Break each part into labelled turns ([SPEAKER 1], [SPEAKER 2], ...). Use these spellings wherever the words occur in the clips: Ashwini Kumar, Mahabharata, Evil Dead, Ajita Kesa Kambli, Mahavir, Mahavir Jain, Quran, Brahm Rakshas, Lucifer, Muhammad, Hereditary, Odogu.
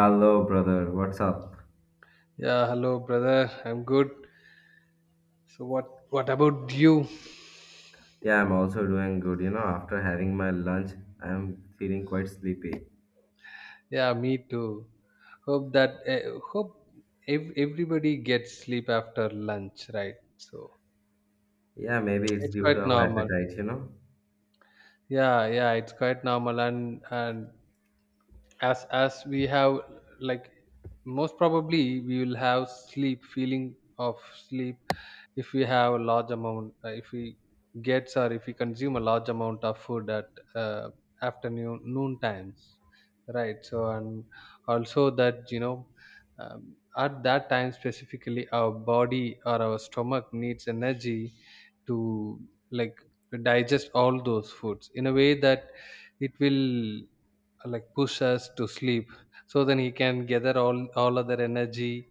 [SPEAKER 1] Hello, brother. What's up?
[SPEAKER 2] Yeah, hello brother. I'm good. So what about you?
[SPEAKER 1] Yeah, I'm also doing good. You know, after having my lunch, I'm feeling quite sleepy.
[SPEAKER 2] Yeah, me too. Hope that everybody gets sleep after lunch, right? So
[SPEAKER 1] Yeah, maybe it's
[SPEAKER 2] it's
[SPEAKER 1] due to
[SPEAKER 2] quite
[SPEAKER 1] our
[SPEAKER 2] normal.
[SPEAKER 1] appetite, you know?
[SPEAKER 2] Yeah, yeah, it's quite normal, and as we have, like, most probably we will have sleep, feeling of sleep, if we have a large amount, if we gets, or if we consume a large amount of food at uh, afternoon noon times, right? So and also, that you know, at that time specifically our body or our stomach needs energy to, like, digest all those foods in a way that it will, like, push us to sleep, so then he can gather all other energy,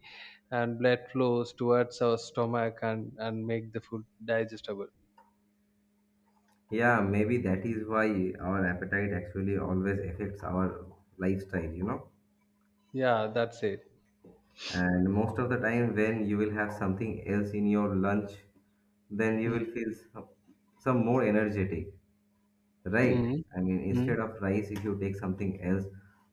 [SPEAKER 2] and blood flows towards our stomach, and make the food digestible.
[SPEAKER 1] Yeah, maybe that is why our appetite actually always affects our lifestyle, you know?
[SPEAKER 2] Yeah, that's it.
[SPEAKER 1] And most of the time, when you will have something else in your lunch, then you will
[SPEAKER 2] Mm-hmm.
[SPEAKER 1] feel some more energetic. Right. I mean,
[SPEAKER 2] Mm-hmm.
[SPEAKER 1] instead of rice, if you take something else,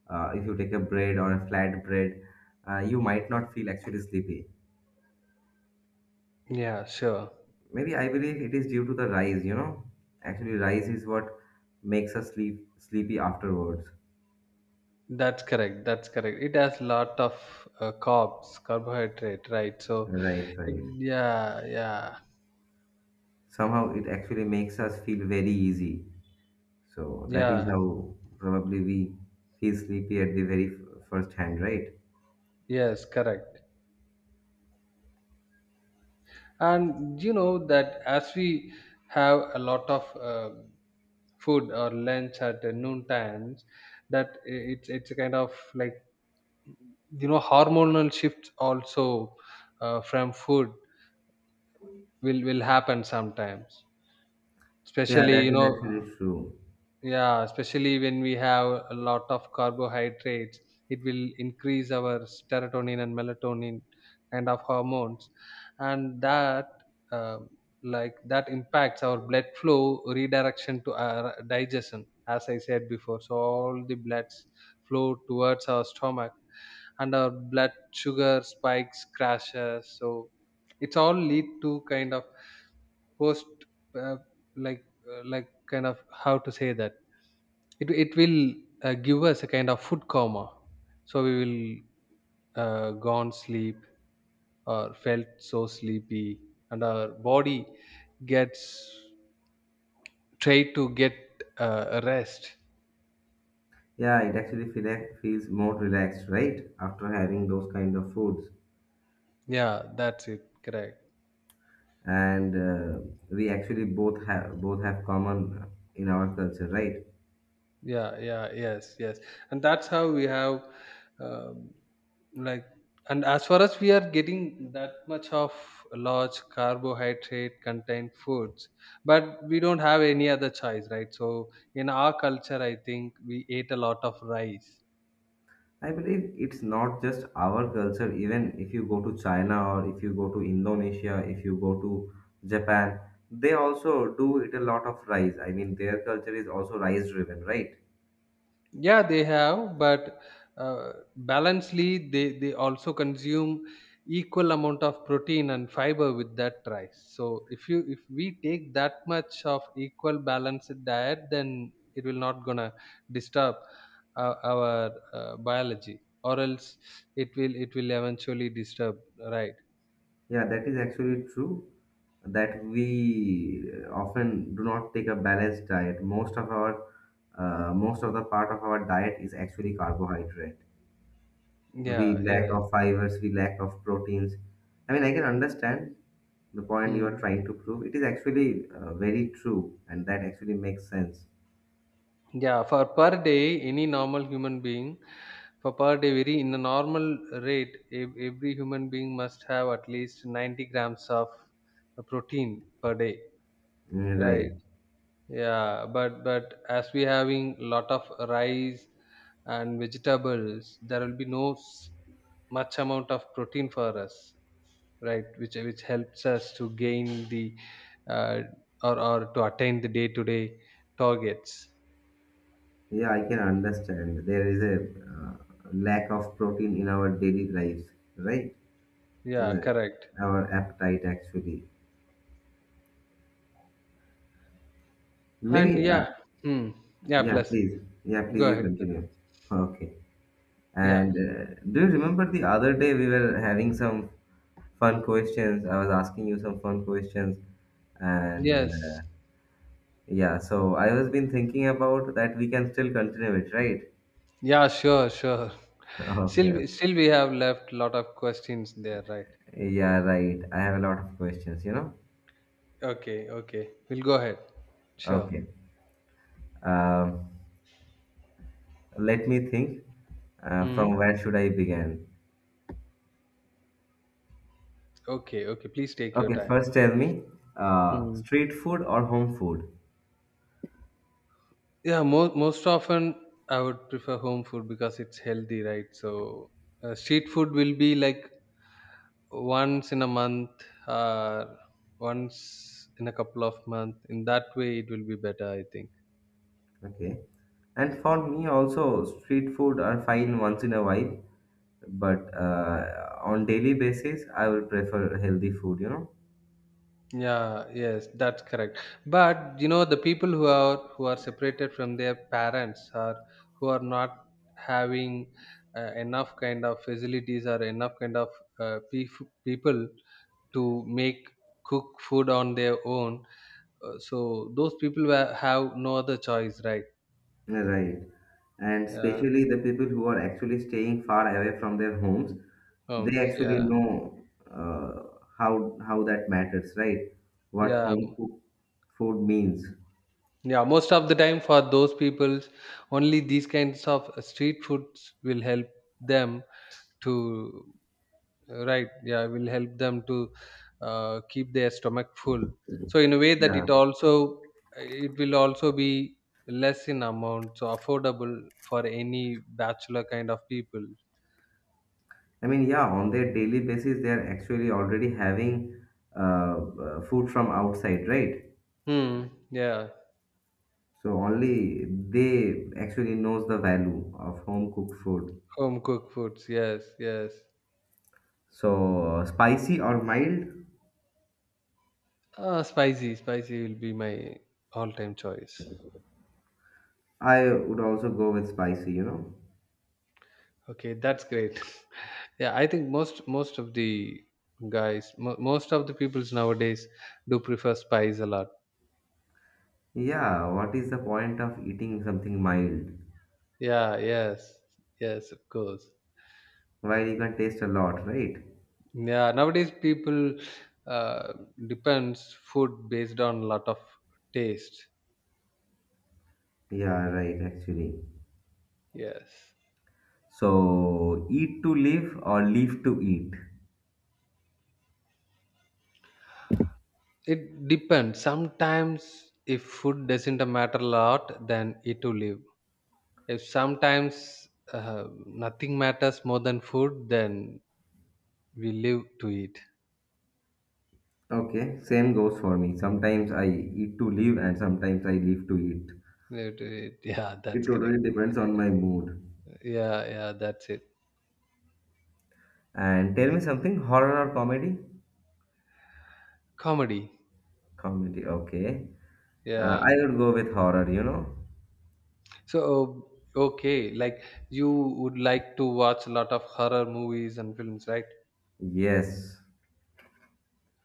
[SPEAKER 1] if you take a bread or a flat bread, you might not feel actually sleepy.
[SPEAKER 2] Yeah, sure.
[SPEAKER 1] Maybe I believe it is due to the rice, you know. Actually, rice is what makes us sleepy afterwards.
[SPEAKER 2] That's correct, that's correct, it has lot of carbs carbohydrate, right? So
[SPEAKER 1] Right,
[SPEAKER 2] it.
[SPEAKER 1] right.
[SPEAKER 2] Yeah, yeah.
[SPEAKER 1] Somehow it actually makes us feel very easy. So that is
[SPEAKER 2] Yeah,
[SPEAKER 1] how probably we feel sleepy at the very first hand, right?
[SPEAKER 2] yes, correct. And you know that as we have a lot of food or lunch at the noon times, that it's a kind of, like, you know, hormonal shifts also, from food will happen sometimes,
[SPEAKER 1] Yeah,
[SPEAKER 2] especially,
[SPEAKER 1] that
[SPEAKER 2] you
[SPEAKER 1] is
[SPEAKER 2] know.
[SPEAKER 1] actually true.
[SPEAKER 2] Yeah, especially when we have a lot of carbohydrates, it will increase our serotonin and melatonin and of hormones, and that, um, like, that impacts our blood flow redirection to our digestion, as I said before. So all the bloods flow towards our stomach, and our blood sugar spikes, crashes. So it's all lead to kind of post, uh, like, like, kind of how to say that it will give us a kind of food coma, so we will gone sleep or felt so sleepy, and our body gets try to get rest.
[SPEAKER 1] Yeah, it actually feels more relaxed, right? After having those kind of foods,
[SPEAKER 2] Yeah, that's it, correct.
[SPEAKER 1] and we actually both have common in our culture, right?
[SPEAKER 2] Yeah, yeah, yes, yes. And that's how we have, um, like, and as far as we are getting that much of large carbohydrate contained foods, but we don't have any other choice, right? So in our culture, I think we ate a lot of rice.
[SPEAKER 1] I believe it's not just our culture. Even if you go to China or if you go to Indonesia, if you go to Japan, they also do eat a lot of rice. I mean, their culture is also rice driven, right?
[SPEAKER 2] Yeah, they have, but balancedly, they also consume equal amount of protein and fiber with that rice. So if we take that much of equal balanced diet, then it will not gonna disturb our biology, or else it will eventually disturb. Right?
[SPEAKER 1] Yeah, that is actually true that we often do not take a balanced diet. Most of the part of our diet is actually carbohydrate.
[SPEAKER 2] Yeah.
[SPEAKER 1] We lack
[SPEAKER 2] Yeah.
[SPEAKER 1] of fibers, we lack of proteins. I mean, I can understand the point you are
[SPEAKER 2] Hmm.
[SPEAKER 1] trying to prove. It is actually very true, and that actually makes sense.
[SPEAKER 2] Yeah, for per day, any normal human being, for per day, very in a normal rate, every human being must have at least 90 grams of protein per day,
[SPEAKER 1] Mm,
[SPEAKER 2] right?
[SPEAKER 1] right.
[SPEAKER 2] Yeah, but as we having lot of rice and vegetables, there will be no much amount of protein for us, right? Which helps us to gain the uh, or to attain the day to day targets.
[SPEAKER 1] Yeah, I can understand. There is a uh, lack of protein in our daily lives, right? In
[SPEAKER 2] Yeah, correct.
[SPEAKER 1] our appetite, actually.
[SPEAKER 2] And
[SPEAKER 1] Maybe,
[SPEAKER 2] yeah,
[SPEAKER 1] uh,
[SPEAKER 2] hmm, yeah.
[SPEAKER 1] yeah,
[SPEAKER 2] Plus,
[SPEAKER 1] please. Yeah,
[SPEAKER 2] go
[SPEAKER 1] please, you
[SPEAKER 2] ahead.
[SPEAKER 1] continue. Okay.
[SPEAKER 2] Yeah,
[SPEAKER 1] And do you remember the other day we were having some fun questions? I was asking you some fun questions. And
[SPEAKER 2] yes,
[SPEAKER 1] yeah, so I was been thinking about that we can still continue it, right?
[SPEAKER 2] yeah. Sure, sure.
[SPEAKER 1] Okay,
[SPEAKER 2] Still,
[SPEAKER 1] okay.
[SPEAKER 2] still, we have left lot of questions there, right?
[SPEAKER 1] Yeah, right. I have a lot of questions, you know?
[SPEAKER 2] Okay, okay. We'll go ahead. Sure.
[SPEAKER 1] Okay. Um, Let me think.
[SPEAKER 2] Hmm.
[SPEAKER 1] From where should I begin?
[SPEAKER 2] Okay, okay. Please take your
[SPEAKER 1] Okay,
[SPEAKER 2] time.
[SPEAKER 1] first tell me,
[SPEAKER 2] Hmm.
[SPEAKER 1] street food or home food?
[SPEAKER 2] Yeah, most often I would prefer home food because it's healthy, right? So street food will be like once in a month or once in a couple of months. In that way, it will be better, I think.
[SPEAKER 1] Okay. And for me also, street food are fine once in a while, but on daily basis, I will prefer healthy food, you know.
[SPEAKER 2] Yeah, yes, that's correct, but you know the people who are separated from their parents, or who are not having enough kind of facilities or enough kind of people to make cook food on their own, so those people have no other choice, right?
[SPEAKER 1] Right. And
[SPEAKER 2] Yeah.
[SPEAKER 1] especially the people who are actually staying far away from their homes, they actually
[SPEAKER 2] Yeah,
[SPEAKER 1] know uh, how that matters, right? What
[SPEAKER 2] yeah.
[SPEAKER 1] home cooked food means.
[SPEAKER 2] Yeah, most of the time for those people only these kinds of street foods will help them to... Right. Yeah, will help them to keep their stomach full. So in a way that
[SPEAKER 1] Yeah.
[SPEAKER 2] it will also be less in amount, so affordable for any bachelor kind of people.
[SPEAKER 1] I mean, yeah, on their daily basis, they are actually already having uh, food from outside, right?
[SPEAKER 2] Hmm. Yeah.
[SPEAKER 1] So only they actually knows the value of home cooked food.
[SPEAKER 2] Home cooked foods. Yes. Yes.
[SPEAKER 1] So spicy or mild,
[SPEAKER 2] Spicy. Spicy will be my all-time choice.
[SPEAKER 1] I would also go with spicy, you know.
[SPEAKER 2] Okay, that's great. Yeah, I think most of the guys, most of the peoples nowadays do prefer spice a lot.
[SPEAKER 1] Yeah, what is the point of eating something mild?
[SPEAKER 2] Yeah, yes. Yes, of course.
[SPEAKER 1] While you can taste a lot, right?
[SPEAKER 2] Yeah, nowadays people uh, depends food based on lot of taste.
[SPEAKER 1] Yeah, right, actually.
[SPEAKER 2] Yes.
[SPEAKER 1] So eat to live or live to eat.
[SPEAKER 2] It depends. Sometimes if food doesn't matter a lot, then it will live. If sometimes nothing matters more than food, then we live to eat.
[SPEAKER 1] Okay, same goes for me. Sometimes I eat to live and sometimes I live to eat.
[SPEAKER 2] Live to eat. Yeah,
[SPEAKER 1] It
[SPEAKER 2] that's
[SPEAKER 1] totally
[SPEAKER 2] correct.
[SPEAKER 1] depends on my mood.
[SPEAKER 2] Yeah, yeah, that's it.
[SPEAKER 1] And tell me something, horror or comedy?
[SPEAKER 2] Comedy.
[SPEAKER 1] Comedy, okay.
[SPEAKER 2] Yeah.
[SPEAKER 1] I would go with horror, you know.
[SPEAKER 2] So, okay, like you would like to watch a lot of horror movies and films, right?
[SPEAKER 1] Yes.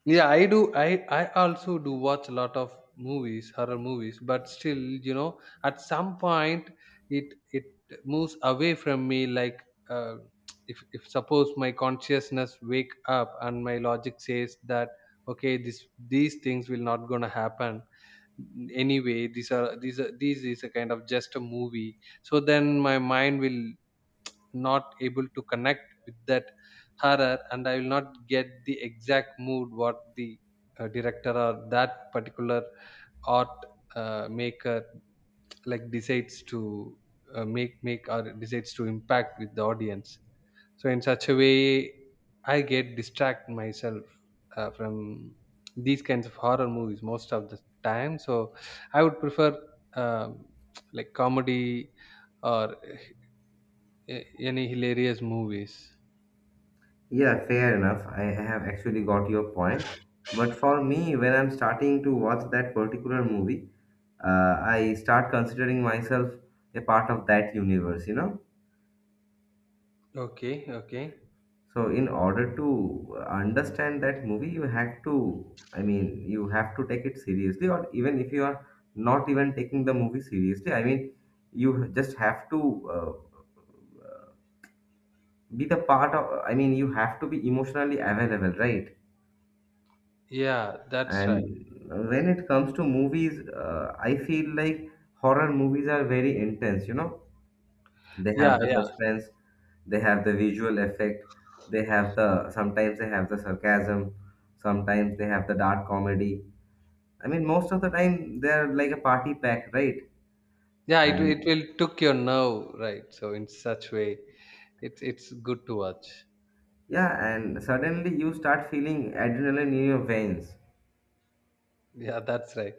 [SPEAKER 2] Yeah, I do. I also do watch a lot of movies, horror movies, but still, you know, at some point it it moves away from me. Like, uh, if suppose my consciousness wake up and my logic says that, okay, this these things will not gonna happen anyway. These is a kind of just a movie. So then my mind will not able to connect with that horror, and I will not get the exact mood what the director, or that particular art maker, like, decides to make or decides to impact with the audience. So in such a way, I get distract myself from these kinds of horror movies most of the time. So I would prefer, um, like, comedy, or uh, any hilarious movies.
[SPEAKER 1] Yeah, fair enough. I have actually got your point. But for me, when I'm starting to watch that particular movie, I start considering myself a part of that universe, you know.
[SPEAKER 2] Okay, okay.
[SPEAKER 1] So, in order to understand that movie, you have to, I mean, you have to take it seriously, or even if you are not even taking the movie seriously, I mean, you just have to be the part of, I mean, you have to be emotionally available, right?
[SPEAKER 2] Yeah, that's right.
[SPEAKER 1] And when it comes to movies, I feel like horror movies are very intense, you know. They have
[SPEAKER 2] Yeah,
[SPEAKER 1] the
[SPEAKER 2] yeah.
[SPEAKER 1] suspense, they have the visual effect, they have the, sometimes they have the sarcasm, sometimes they have the dark comedy. I mean, most of the time they're like a party pack, right?
[SPEAKER 2] Yeah, it
[SPEAKER 1] and
[SPEAKER 2] will took your nerve, right? So in such way, it's good to watch.
[SPEAKER 1] yeah and suddenly you start feeling adrenaline in your veins.
[SPEAKER 2] Yeah, that's right.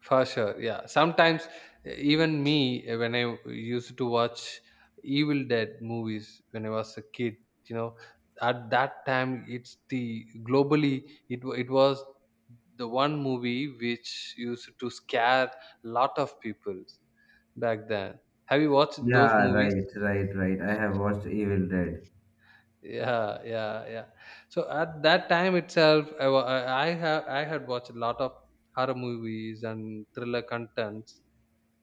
[SPEAKER 2] For sure. Yeah. Sometimes even me, when I used to watch Evil Dead movies when I was a kid, you know, at that time it's the globally it was the one movie which used to scare lot of people back then. Have you watched those
[SPEAKER 1] Yeah,
[SPEAKER 2] movies?
[SPEAKER 1] right, right, right, I have watched Evil Dead.
[SPEAKER 2] Yeah, yeah, yeah. So at that time itself, I wa- I have I had watched a lot of horror movies and thriller contents.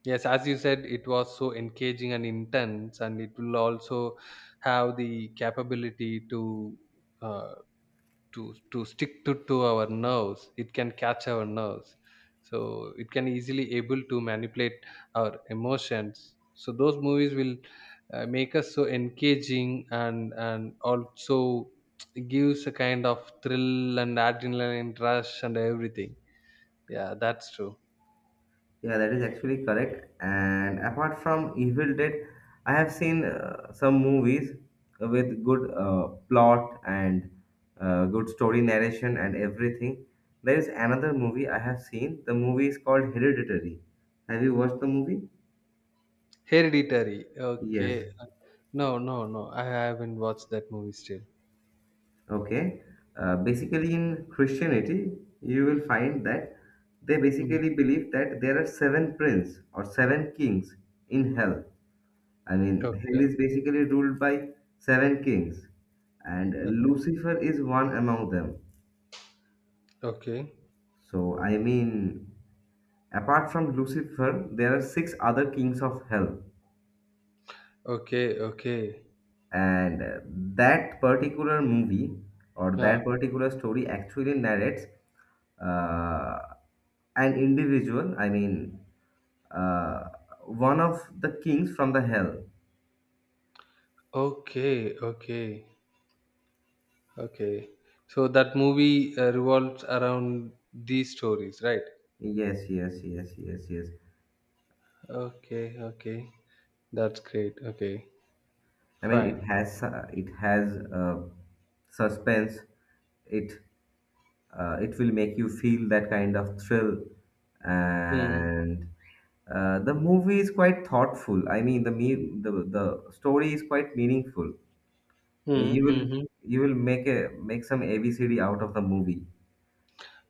[SPEAKER 2] Yes, as you said, it was so engaging and intense, and it will also have the capability to uh, to to stick to our nerves, it can catch our nerves. So it can easily able to manipulate our emotions. So those movies will make us so engaging, and also gives a kind of thrill and adrenaline rush and everything. Yeah, that's true.
[SPEAKER 1] Yeah, that is actually correct. And apart from Evil Dead, I have seen some movies with good plot and good story narration and everything. There is another movie I have seen. The movie is called Hereditary. Have you watched the movie?
[SPEAKER 2] Hereditary. Okay.
[SPEAKER 1] Yes.
[SPEAKER 2] Uh, no, no, no, I haven't watched that movie still.
[SPEAKER 1] Okay. Basically, in Christianity, you will find that they
[SPEAKER 2] Mm.
[SPEAKER 1] basically believe that there are seven prince or seven kings in hell. I mean, hell
[SPEAKER 2] Okay,
[SPEAKER 1] is basically ruled by seven kings, and
[SPEAKER 2] okay,
[SPEAKER 1] Lucifer is one among them.
[SPEAKER 2] okay,
[SPEAKER 1] So, I mean, apart from Lucifer, there are six other kings of hell.
[SPEAKER 2] okay, okay.
[SPEAKER 1] And that particular movie or
[SPEAKER 2] Yeah.
[SPEAKER 1] that particular story actually narrates uh, an individual, I mean, uh, one of the kings from the hell.
[SPEAKER 2] Okay, okay, okay. So that movie revolves around these stories, right?
[SPEAKER 1] Yes, yes, yes, yes, yes.
[SPEAKER 2] Okay, okay. That's great. Okay,
[SPEAKER 1] I mean,
[SPEAKER 2] fine.
[SPEAKER 1] it has uh, suspense. It it will make you feel that kind of thrill,
[SPEAKER 2] Mm.
[SPEAKER 1] and the movie is quite thoughtful. I mean, the me- the story is quite meaningful.
[SPEAKER 2] Mm,
[SPEAKER 1] You will,
[SPEAKER 2] mm-hmm.
[SPEAKER 1] make a, make some ABCD out of the movie.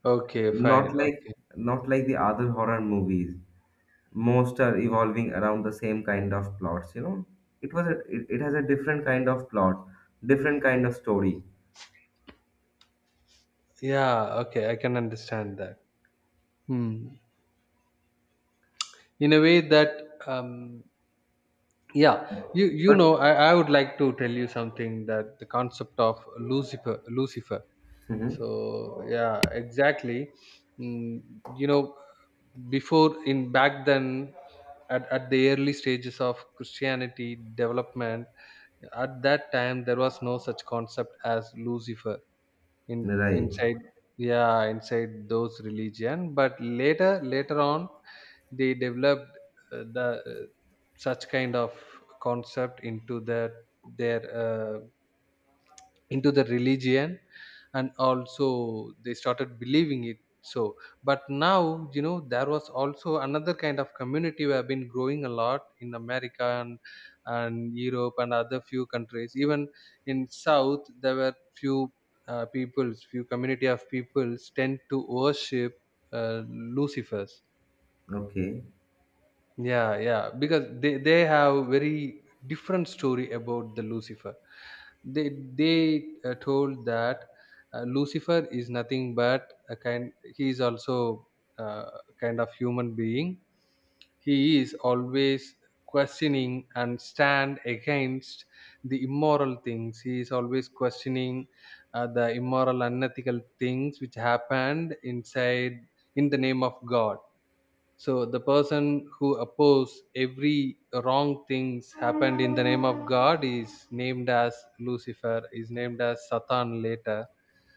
[SPEAKER 2] Okay,
[SPEAKER 1] Not
[SPEAKER 2] fine.
[SPEAKER 1] like,
[SPEAKER 2] Okay.
[SPEAKER 1] the other horror movies most are evolving around the same kind of plots, you know. It has a different kind of plot, different kind of story.
[SPEAKER 2] Yeah, okay. I can understand that. Hmm. In a way that, um, yeah, you
[SPEAKER 1] But
[SPEAKER 2] know, I would like to tell you something that the concept of Lucifer, Lucifer.
[SPEAKER 1] mhm,
[SPEAKER 2] So yeah, exactly. Mm, you know, before in back then at, the early stages of Christianity development, at that time there was no such concept as Lucifer in
[SPEAKER 1] right,
[SPEAKER 2] inside. Yeah, inside those religion, but later on they developed the such kind of concept into their uh, into the religion, and also they started believing it. So, but now you know, there was also another kind of community we have been growing a lot in America, and Europe, and other few countries, even in south there were few peoples, few community of peoples tend to worship uh, Lucifers.
[SPEAKER 1] okay.
[SPEAKER 2] Yeah, yeah, because they have very different story about the Lucifer. They told that Lucifer is nothing but a kind he is also, uh, kind of, human being. He is always questioning and stand against the immoral things. He is always questioning the immoral, unethical things which happened inside, in the name of God. So the person who oppose every wrong things happened in the name of God is named as Lucifer, is named as Satan later.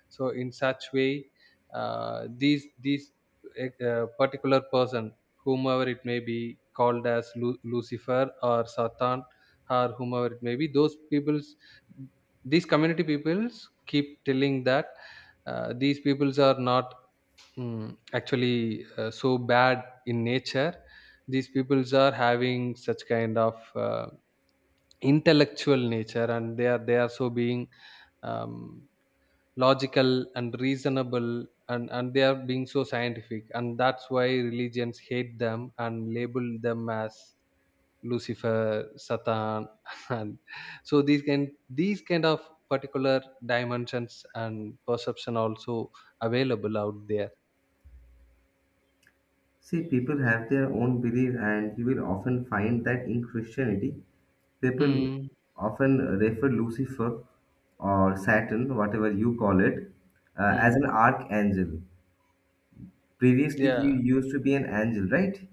[SPEAKER 2] So in such way, uh, these these particular person, whomever it may be, called as Lucifer or Satan, or whomever it may be, those people's, these community peoples keep telling that these peoples are not, actually, so bad in nature. These peoples are having such kind of intellectual nature, and they are so being, um, logical and reasonable, and they are being so scientific, and that's why religions hate them and label them as Lucifer, Satan and so these kind of particular dimensions and perception also available out there.
[SPEAKER 1] See, people have their own belief and you will often find that in Christianity, people
[SPEAKER 2] Hmm.
[SPEAKER 1] often refer Lucifer or Saturn, whatever you call it, as an archangel. Previously he
[SPEAKER 2] Yeah,
[SPEAKER 1] used to be an angel, right?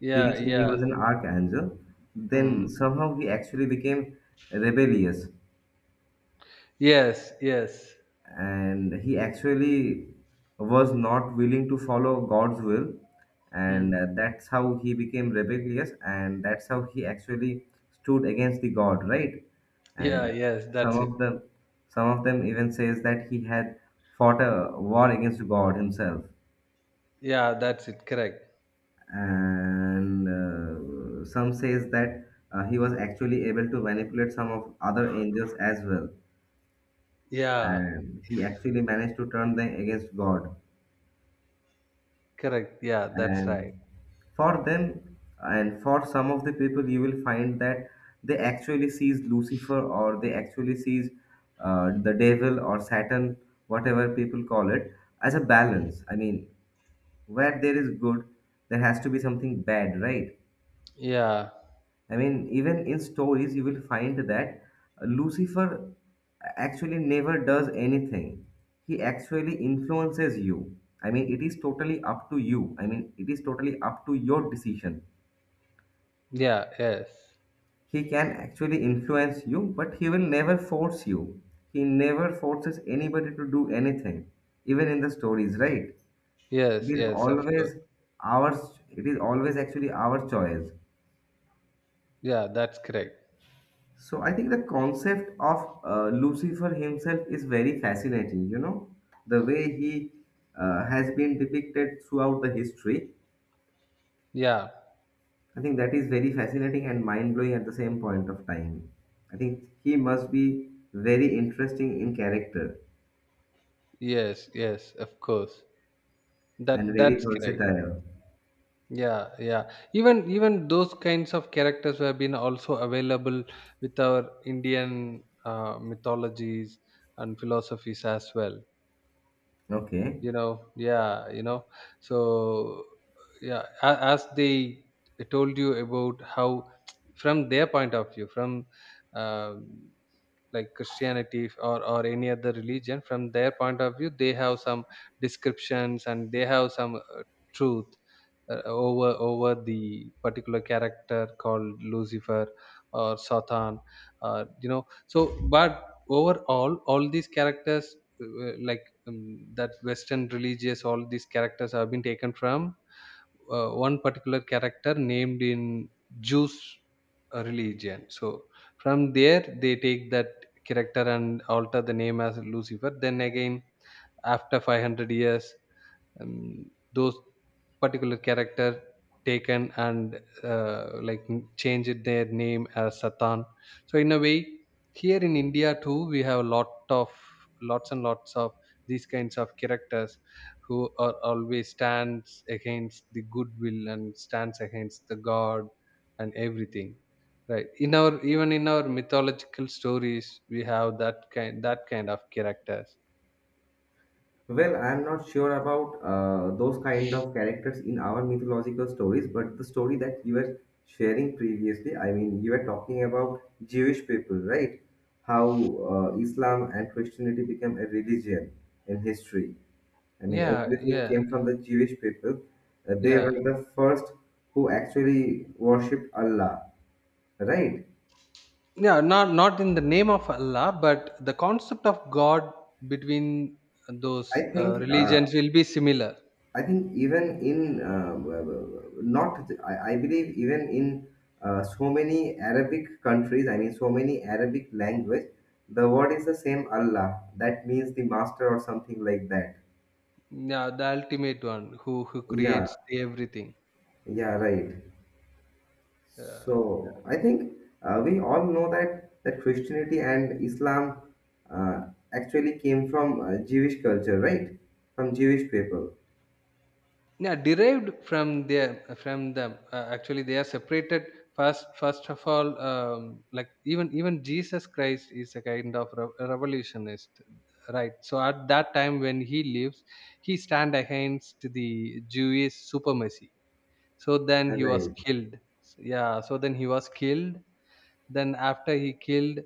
[SPEAKER 2] yeah,
[SPEAKER 1] Previously, he was
[SPEAKER 2] yeah.
[SPEAKER 1] an archangel.
[SPEAKER 2] Hmm.
[SPEAKER 1] Then somehow he actually became rebellious
[SPEAKER 2] Yes, yes.
[SPEAKER 1] and he actually was not willing to follow God's will. And
[SPEAKER 2] Hmm.
[SPEAKER 1] that's how he became rebellious and that's how he actually stood against the God, right?
[SPEAKER 2] Yeah,
[SPEAKER 1] And
[SPEAKER 2] yes,
[SPEAKER 1] some
[SPEAKER 2] that's it.
[SPEAKER 1] of them, some of them even says that he had fought a war against God himself.
[SPEAKER 2] Yeah, that's it. Correct.
[SPEAKER 1] And some says that he was actually able to manipulate some of other angels as well
[SPEAKER 2] Yeah,
[SPEAKER 1] and he actually managed to turn them against God.
[SPEAKER 2] correct. Yeah, that's right.
[SPEAKER 1] And for them and for some of the people you will find that they actually sees Lucifer or they actually sees the devil or Saturn, whatever people call it, as a
[SPEAKER 2] Mm.
[SPEAKER 1] balance. I mean, where there is good, there has to be something bad, right?
[SPEAKER 2] Yeah,
[SPEAKER 1] I mean, even in stories, you will find that Lucifer actually never does anything. He actually influences you. I mean, it is totally up to you. I mean, it is totally up to your decision.
[SPEAKER 2] yeah, yes.
[SPEAKER 1] He can actually influence you, but he will never force you. He never forces anybody to do anything, even in the stories, right? It
[SPEAKER 2] Yes,
[SPEAKER 1] is
[SPEAKER 2] yes, of course.
[SPEAKER 1] always it is always actually our choice.
[SPEAKER 2] Yeah, that's correct.
[SPEAKER 1] So I think the concept of Lucifer himself is very fascinating. You know, the way he has been depicted throughout the history.
[SPEAKER 2] Yeah,
[SPEAKER 1] I think that is very fascinating and mind blowing at the same point of time. I think he must be very interesting in character
[SPEAKER 2] yes, yes, of course.
[SPEAKER 1] and
[SPEAKER 2] That
[SPEAKER 1] very
[SPEAKER 2] that's correct.
[SPEAKER 1] versatile.
[SPEAKER 2] Yeah, yeah. Even those kinds of characters have been also available with our Indian mythologies and philosophies as well.
[SPEAKER 1] Okay.
[SPEAKER 2] Yeah. So, yeah, as they told you about how, from their point of view, from um, like christianity or any other religion. From their point of view they have some descriptions, and they have some truth over the particular character called lucifer or satan, or you know so but overall all these characters, uh, like um, that western religious, all these characters have been taken from one particular character named in jews religion. So from there they take that character and alter the name as lucifer, then again after 500 years, um, those particular character taken and changed their name as Satan. So in a way, here in India too, we have a lot of, lots and lots of these kinds of characters who are always stands against the goodwill and stands against the god and everything, right, in our, even in our mythological stories we have that kind of characters.
[SPEAKER 1] Well, I'm not sure about those kind of characters in our mythological stories, but the story that you were sharing previously, I mean, you were talking about Jewish people, right? How Islam and Christianity became a religion in history. I mean,
[SPEAKER 2] Yeah,
[SPEAKER 1] everything
[SPEAKER 2] yeah.
[SPEAKER 1] came from the Jewish people. They
[SPEAKER 2] Yeah,
[SPEAKER 1] were the first who actually worshipped Allah, right?
[SPEAKER 2] yeah, not in the name of Allah, but the concept of god between those
[SPEAKER 1] I think uh,
[SPEAKER 2] religions will be similar.
[SPEAKER 1] I think even in w- w- not, I believe even in so many Arabic countries, I mean so many Arabic language, the word is the same Allah. That means the master or something like that.
[SPEAKER 2] Yeah, the ultimate one who
[SPEAKER 1] Yeah,
[SPEAKER 2] creates everything.
[SPEAKER 1] yeah, right.
[SPEAKER 2] uh,
[SPEAKER 1] So I think we all know that Christianity and Islam uh, actually came from Jewish culture, right? From Jewish people.
[SPEAKER 2] yeah, derived from their from them, actually they are separated, first of all. Like, even Jesus Christ is a kind of revolutionist, right? So at that time when he lives, he stand against the Jewish supremacy, so then he was
[SPEAKER 1] Right.
[SPEAKER 2] killed. Yeah, so then he was killed. Then after he killed,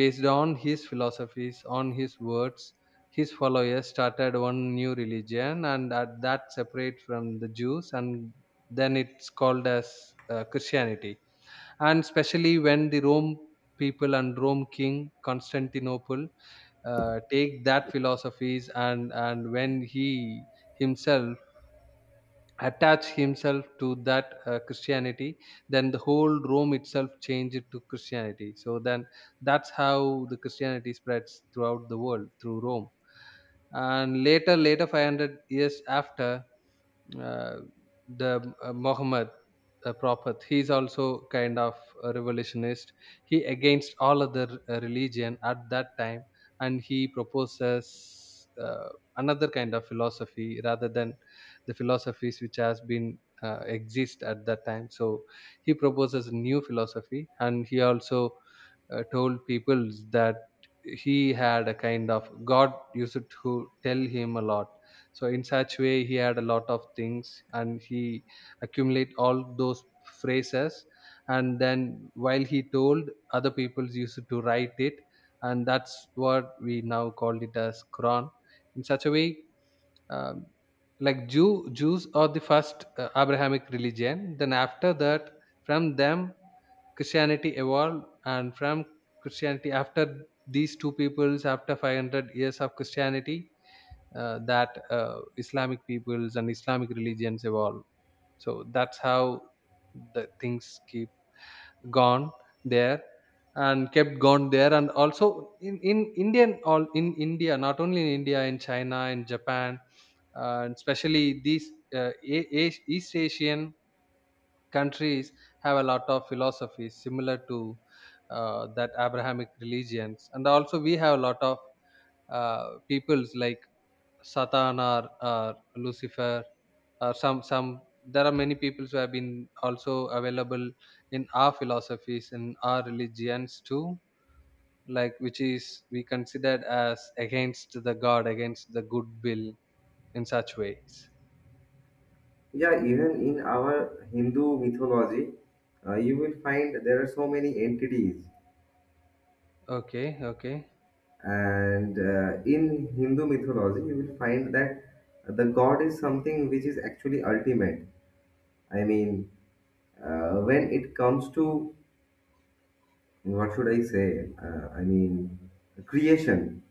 [SPEAKER 2] based on his philosophies, on his words, his followers started one new religion and at that separate from the Jews, and then it's called as Christianity. And especially when the Rome people and Rome king Constantinople take that philosophies, and when he himself attach himself to that Christianity, then the whole Rome itself changed to Christianity. So then that's how the Christianity spreads throughout the world through Rome. And later 500 years after, uh, the Muhammad Prophet. He's also kind of a revolutionist. He against all other religion at that time, and he proposes another kind of philosophy rather than the philosophies which has been exist at that time. So he proposes new philosophy, and he also told people that he had a kind of god used to tell him a lot. So in such way he had a lot of things, and he accumulate all those phrases, and then while he told, other people used to write it, and that's what we now called it as Quran. In such a way, um, like, Jews are the first Abrahamic religion. Then after that, from them Christianity evolved, and from Christianity, after these two peoples, after 500 years of Christianity, that Islamic peoples and Islamic religions evolve. So that's how the things keep gone there and kept gone there, and also in indian, all in India, not only in India, in China, in Japan, and especially these East Asian countries have a lot of philosophies similar to that Abrahamic religions. And also we have a lot of peoples like Satan, or Lucifer, or some, there are many people who have been also available in our philosophies and our religions too, like, which is we considered as against the god, against the good will, in such ways.
[SPEAKER 1] Yeah, even in our Hindu mythology, you will find there are so many entities.
[SPEAKER 2] Okay, okay.
[SPEAKER 1] And in Hindu mythology, you will find that the god is something which is actually ultimate. I mean, when it comes to, what should I say? I mean, creation.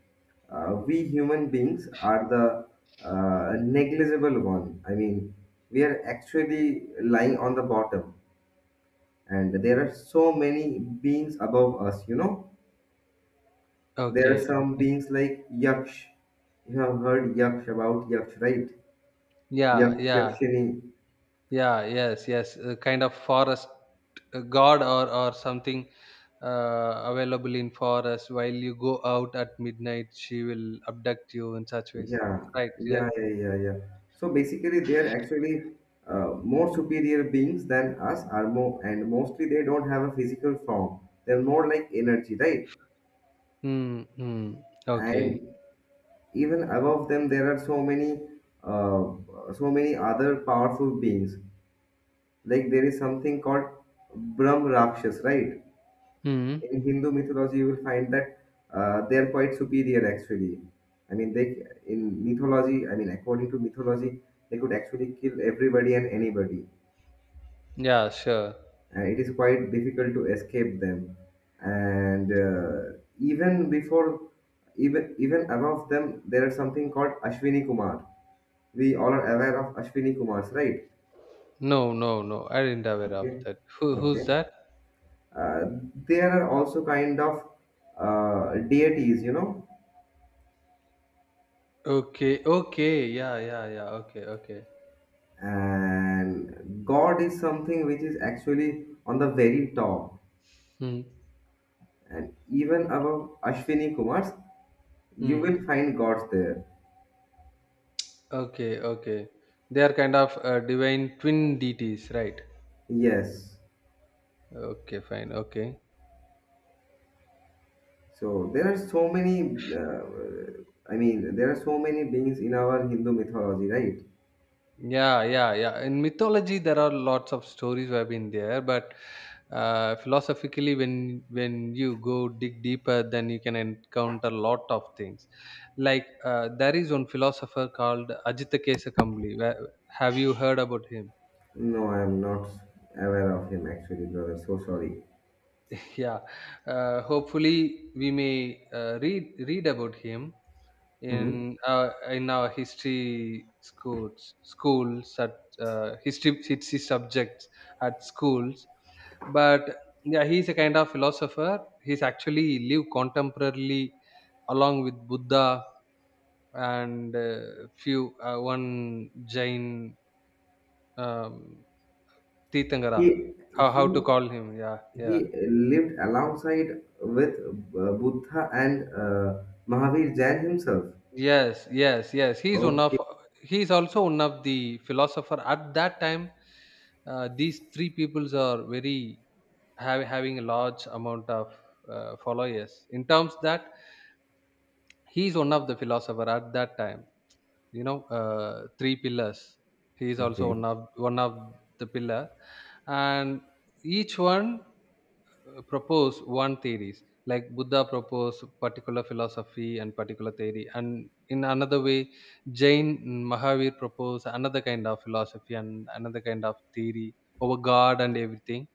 [SPEAKER 1] We human beings are the negligible one. I mean, we are actually lying on the bottom and there are so many beings above us, you know. There are
[SPEAKER 2] Okay,
[SPEAKER 1] some
[SPEAKER 2] okay.
[SPEAKER 1] beings like yaksh. You have heard yaksh about yaksh, right?
[SPEAKER 2] Yeah,
[SPEAKER 1] Yaksh,
[SPEAKER 2] yeah,
[SPEAKER 1] yakshini,
[SPEAKER 2] yeah. Yes, yes, a kind of forest god or something available in forest while you go out at midnight, she will abduct you, in such ways,
[SPEAKER 1] yeah,
[SPEAKER 2] right? Yeah.
[SPEAKER 1] yeah, yeah, yeah, yeah. So basically they are actually more superior beings than us are more, and mostly they don't have a physical form. They're more like energy, right?
[SPEAKER 2] Hmm. Mm. Okay.
[SPEAKER 1] And even above them there are so many uh, so many other powerful beings. Like, there is something called Brahm Rakshas, right?
[SPEAKER 2] Hmm.
[SPEAKER 1] In Hindu mythology, you will find that they are quite superior actually. I mean, they in mythology, I mean, according to mythology, they could actually kill everybody and anybody.
[SPEAKER 2] Yeah, sure.
[SPEAKER 1] And it is quite difficult to escape them. And even even above them, there is something called Ashwini Kumar. We all are aware of Ashwini Kumars, right?
[SPEAKER 2] No, no, no. I didn't aware of
[SPEAKER 1] Okay,
[SPEAKER 2] that. Who's
[SPEAKER 1] okay.
[SPEAKER 2] that?
[SPEAKER 1] Uh, there are also kind of deities, you know,
[SPEAKER 2] Okay, okay. Yeah, yeah, yeah. Okay, okay.
[SPEAKER 1] and God is something which is actually on the very top,
[SPEAKER 2] Hmm.
[SPEAKER 1] and even above Ashwini Kumars, you
[SPEAKER 2] Hmm.
[SPEAKER 1] will find gods there.
[SPEAKER 2] Okay, okay. They are kind of divine twin deities, right?
[SPEAKER 1] Yes.
[SPEAKER 2] Okay, fine. Okay.
[SPEAKER 1] So there are so many. I mean, there are so many beings in our Hindu mythology, right?
[SPEAKER 2] Yeah, yeah, yeah. In mythology, there are lots of stories have been there, but philosophically, when you go dig deeper, then you can encounter lot of things. Like, there is one philosopher called Ajita Kambli. Have you heard about him?
[SPEAKER 1] No, I am not aware of him actually, brother. So sorry.
[SPEAKER 2] Yeah. Hopefully, we may read about him
[SPEAKER 1] Mhm.
[SPEAKER 2] in our history schools at history subjects at schools, but yeah, he's a kind of philosopher. He's actually lived contemporarily along with Buddha and few one Jain, um, Titangara,
[SPEAKER 1] He
[SPEAKER 2] how to
[SPEAKER 1] he
[SPEAKER 2] call him, yeah,
[SPEAKER 1] He
[SPEAKER 2] yeah.
[SPEAKER 1] lived alongside with Buddha and Mahavir Jain himself.
[SPEAKER 2] Yes, yes, yes.
[SPEAKER 1] Okay,
[SPEAKER 2] He's also one of the philosopher at that time. These three peoples are very having a large amount of followers, in terms that he's one of the philosopher at that time. Three pillars. He is also
[SPEAKER 1] okay.
[SPEAKER 2] one of the pillar, and each one propose one theories, like Buddha proposed particular philosophy and particular theory, and in another way, Jain, Mahavir proposed another kind of philosophy and another kind of theory over god and everything.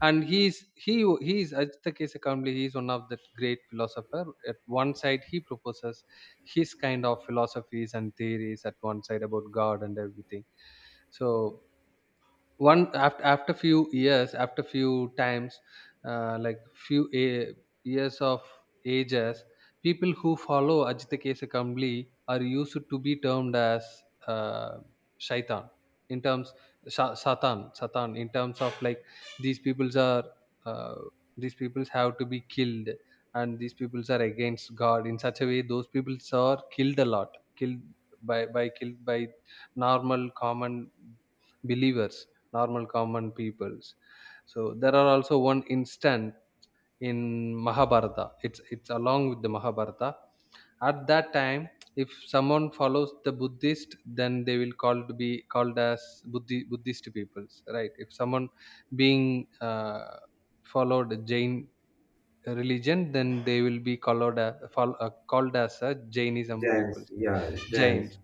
[SPEAKER 2] And he he is Ajatakesakambli, he is one of the great philosopher. At one side he proposes his kind of philosophies and theories, at one side about god and everything. So one, after few years, after few times, like few years of ages, people who follow Ajita Kesa Kambli are used to be termed as uh, shaitan, in terms, satan in terms of, like, these peoples are uh, these peoples have to be killed, and these peoples are against god. In such a way, those peoples are killed a lot, killed by killed by normal common believers, normal common peoples. So there are also one instant in Mahabharata. It's along with the Mahabharata. At that time, if someone follows the Buddhist, then they will called be called as Buddhist peoples, right? If someone being followed Jain religion, then they will be called as, called as a Jainism
[SPEAKER 1] Jains,
[SPEAKER 2] peoples,
[SPEAKER 1] yeah, Jains.
[SPEAKER 2] Jains.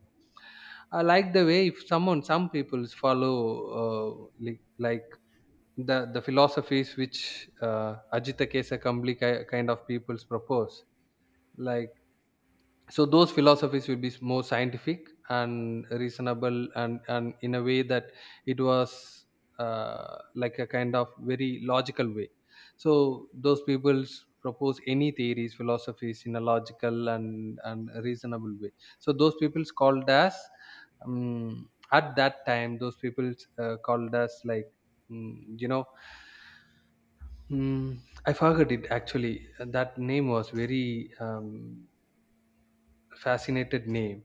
[SPEAKER 2] I like the way, if someone, some peoples follow like the philosophies which Ajita Kesa Kambli kind of peoples propose. Like, so those philosophies will be more scientific and reasonable, and in a way that it was like a kind of very logical way. So those peoples propose any theories, philosophies in a logical and reasonable way. So those peoples called us. At that time, those peoples called us like, mm, you know mm, I forgot it actually. That name was very fascinated name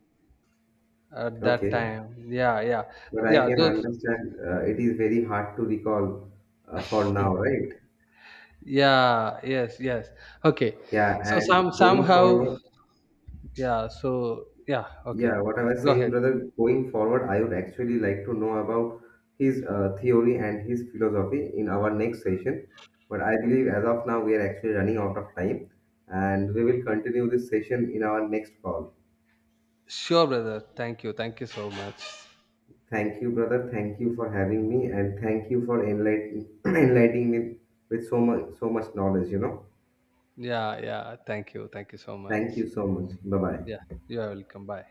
[SPEAKER 2] at that
[SPEAKER 1] Okay,
[SPEAKER 2] time. Yeah, yeah,
[SPEAKER 1] but I
[SPEAKER 2] yeah.
[SPEAKER 1] can
[SPEAKER 2] Those.
[SPEAKER 1] understand it is very hard to recall for
[SPEAKER 2] Mm.
[SPEAKER 1] now, right?
[SPEAKER 2] Yeah. Yes. Yes. Okay.
[SPEAKER 1] Yeah,
[SPEAKER 2] So
[SPEAKER 1] and going
[SPEAKER 2] somehow.
[SPEAKER 1] forward,
[SPEAKER 2] Yeah. So, yeah. Okay.
[SPEAKER 1] yeah, what I was
[SPEAKER 2] Go
[SPEAKER 1] saying,
[SPEAKER 2] ahead.
[SPEAKER 1] brother, going forward, I would actually like to know about his theory and his philosophy in our next session. But I believe as of now, we are actually running out of time and we will continue this session in our next call.
[SPEAKER 2] Sure, brother. Thank you. Thank you so much.
[SPEAKER 1] Thank you, brother. Thank you for having me and thank you for enlightening me with so much, so much knowledge, you know.
[SPEAKER 2] Yeah. Yeah. Thank you. Thank you so
[SPEAKER 1] Thank you
[SPEAKER 2] much.
[SPEAKER 1] so much. Bye
[SPEAKER 2] Yeah.
[SPEAKER 1] bye.
[SPEAKER 2] You are welcome. Bye.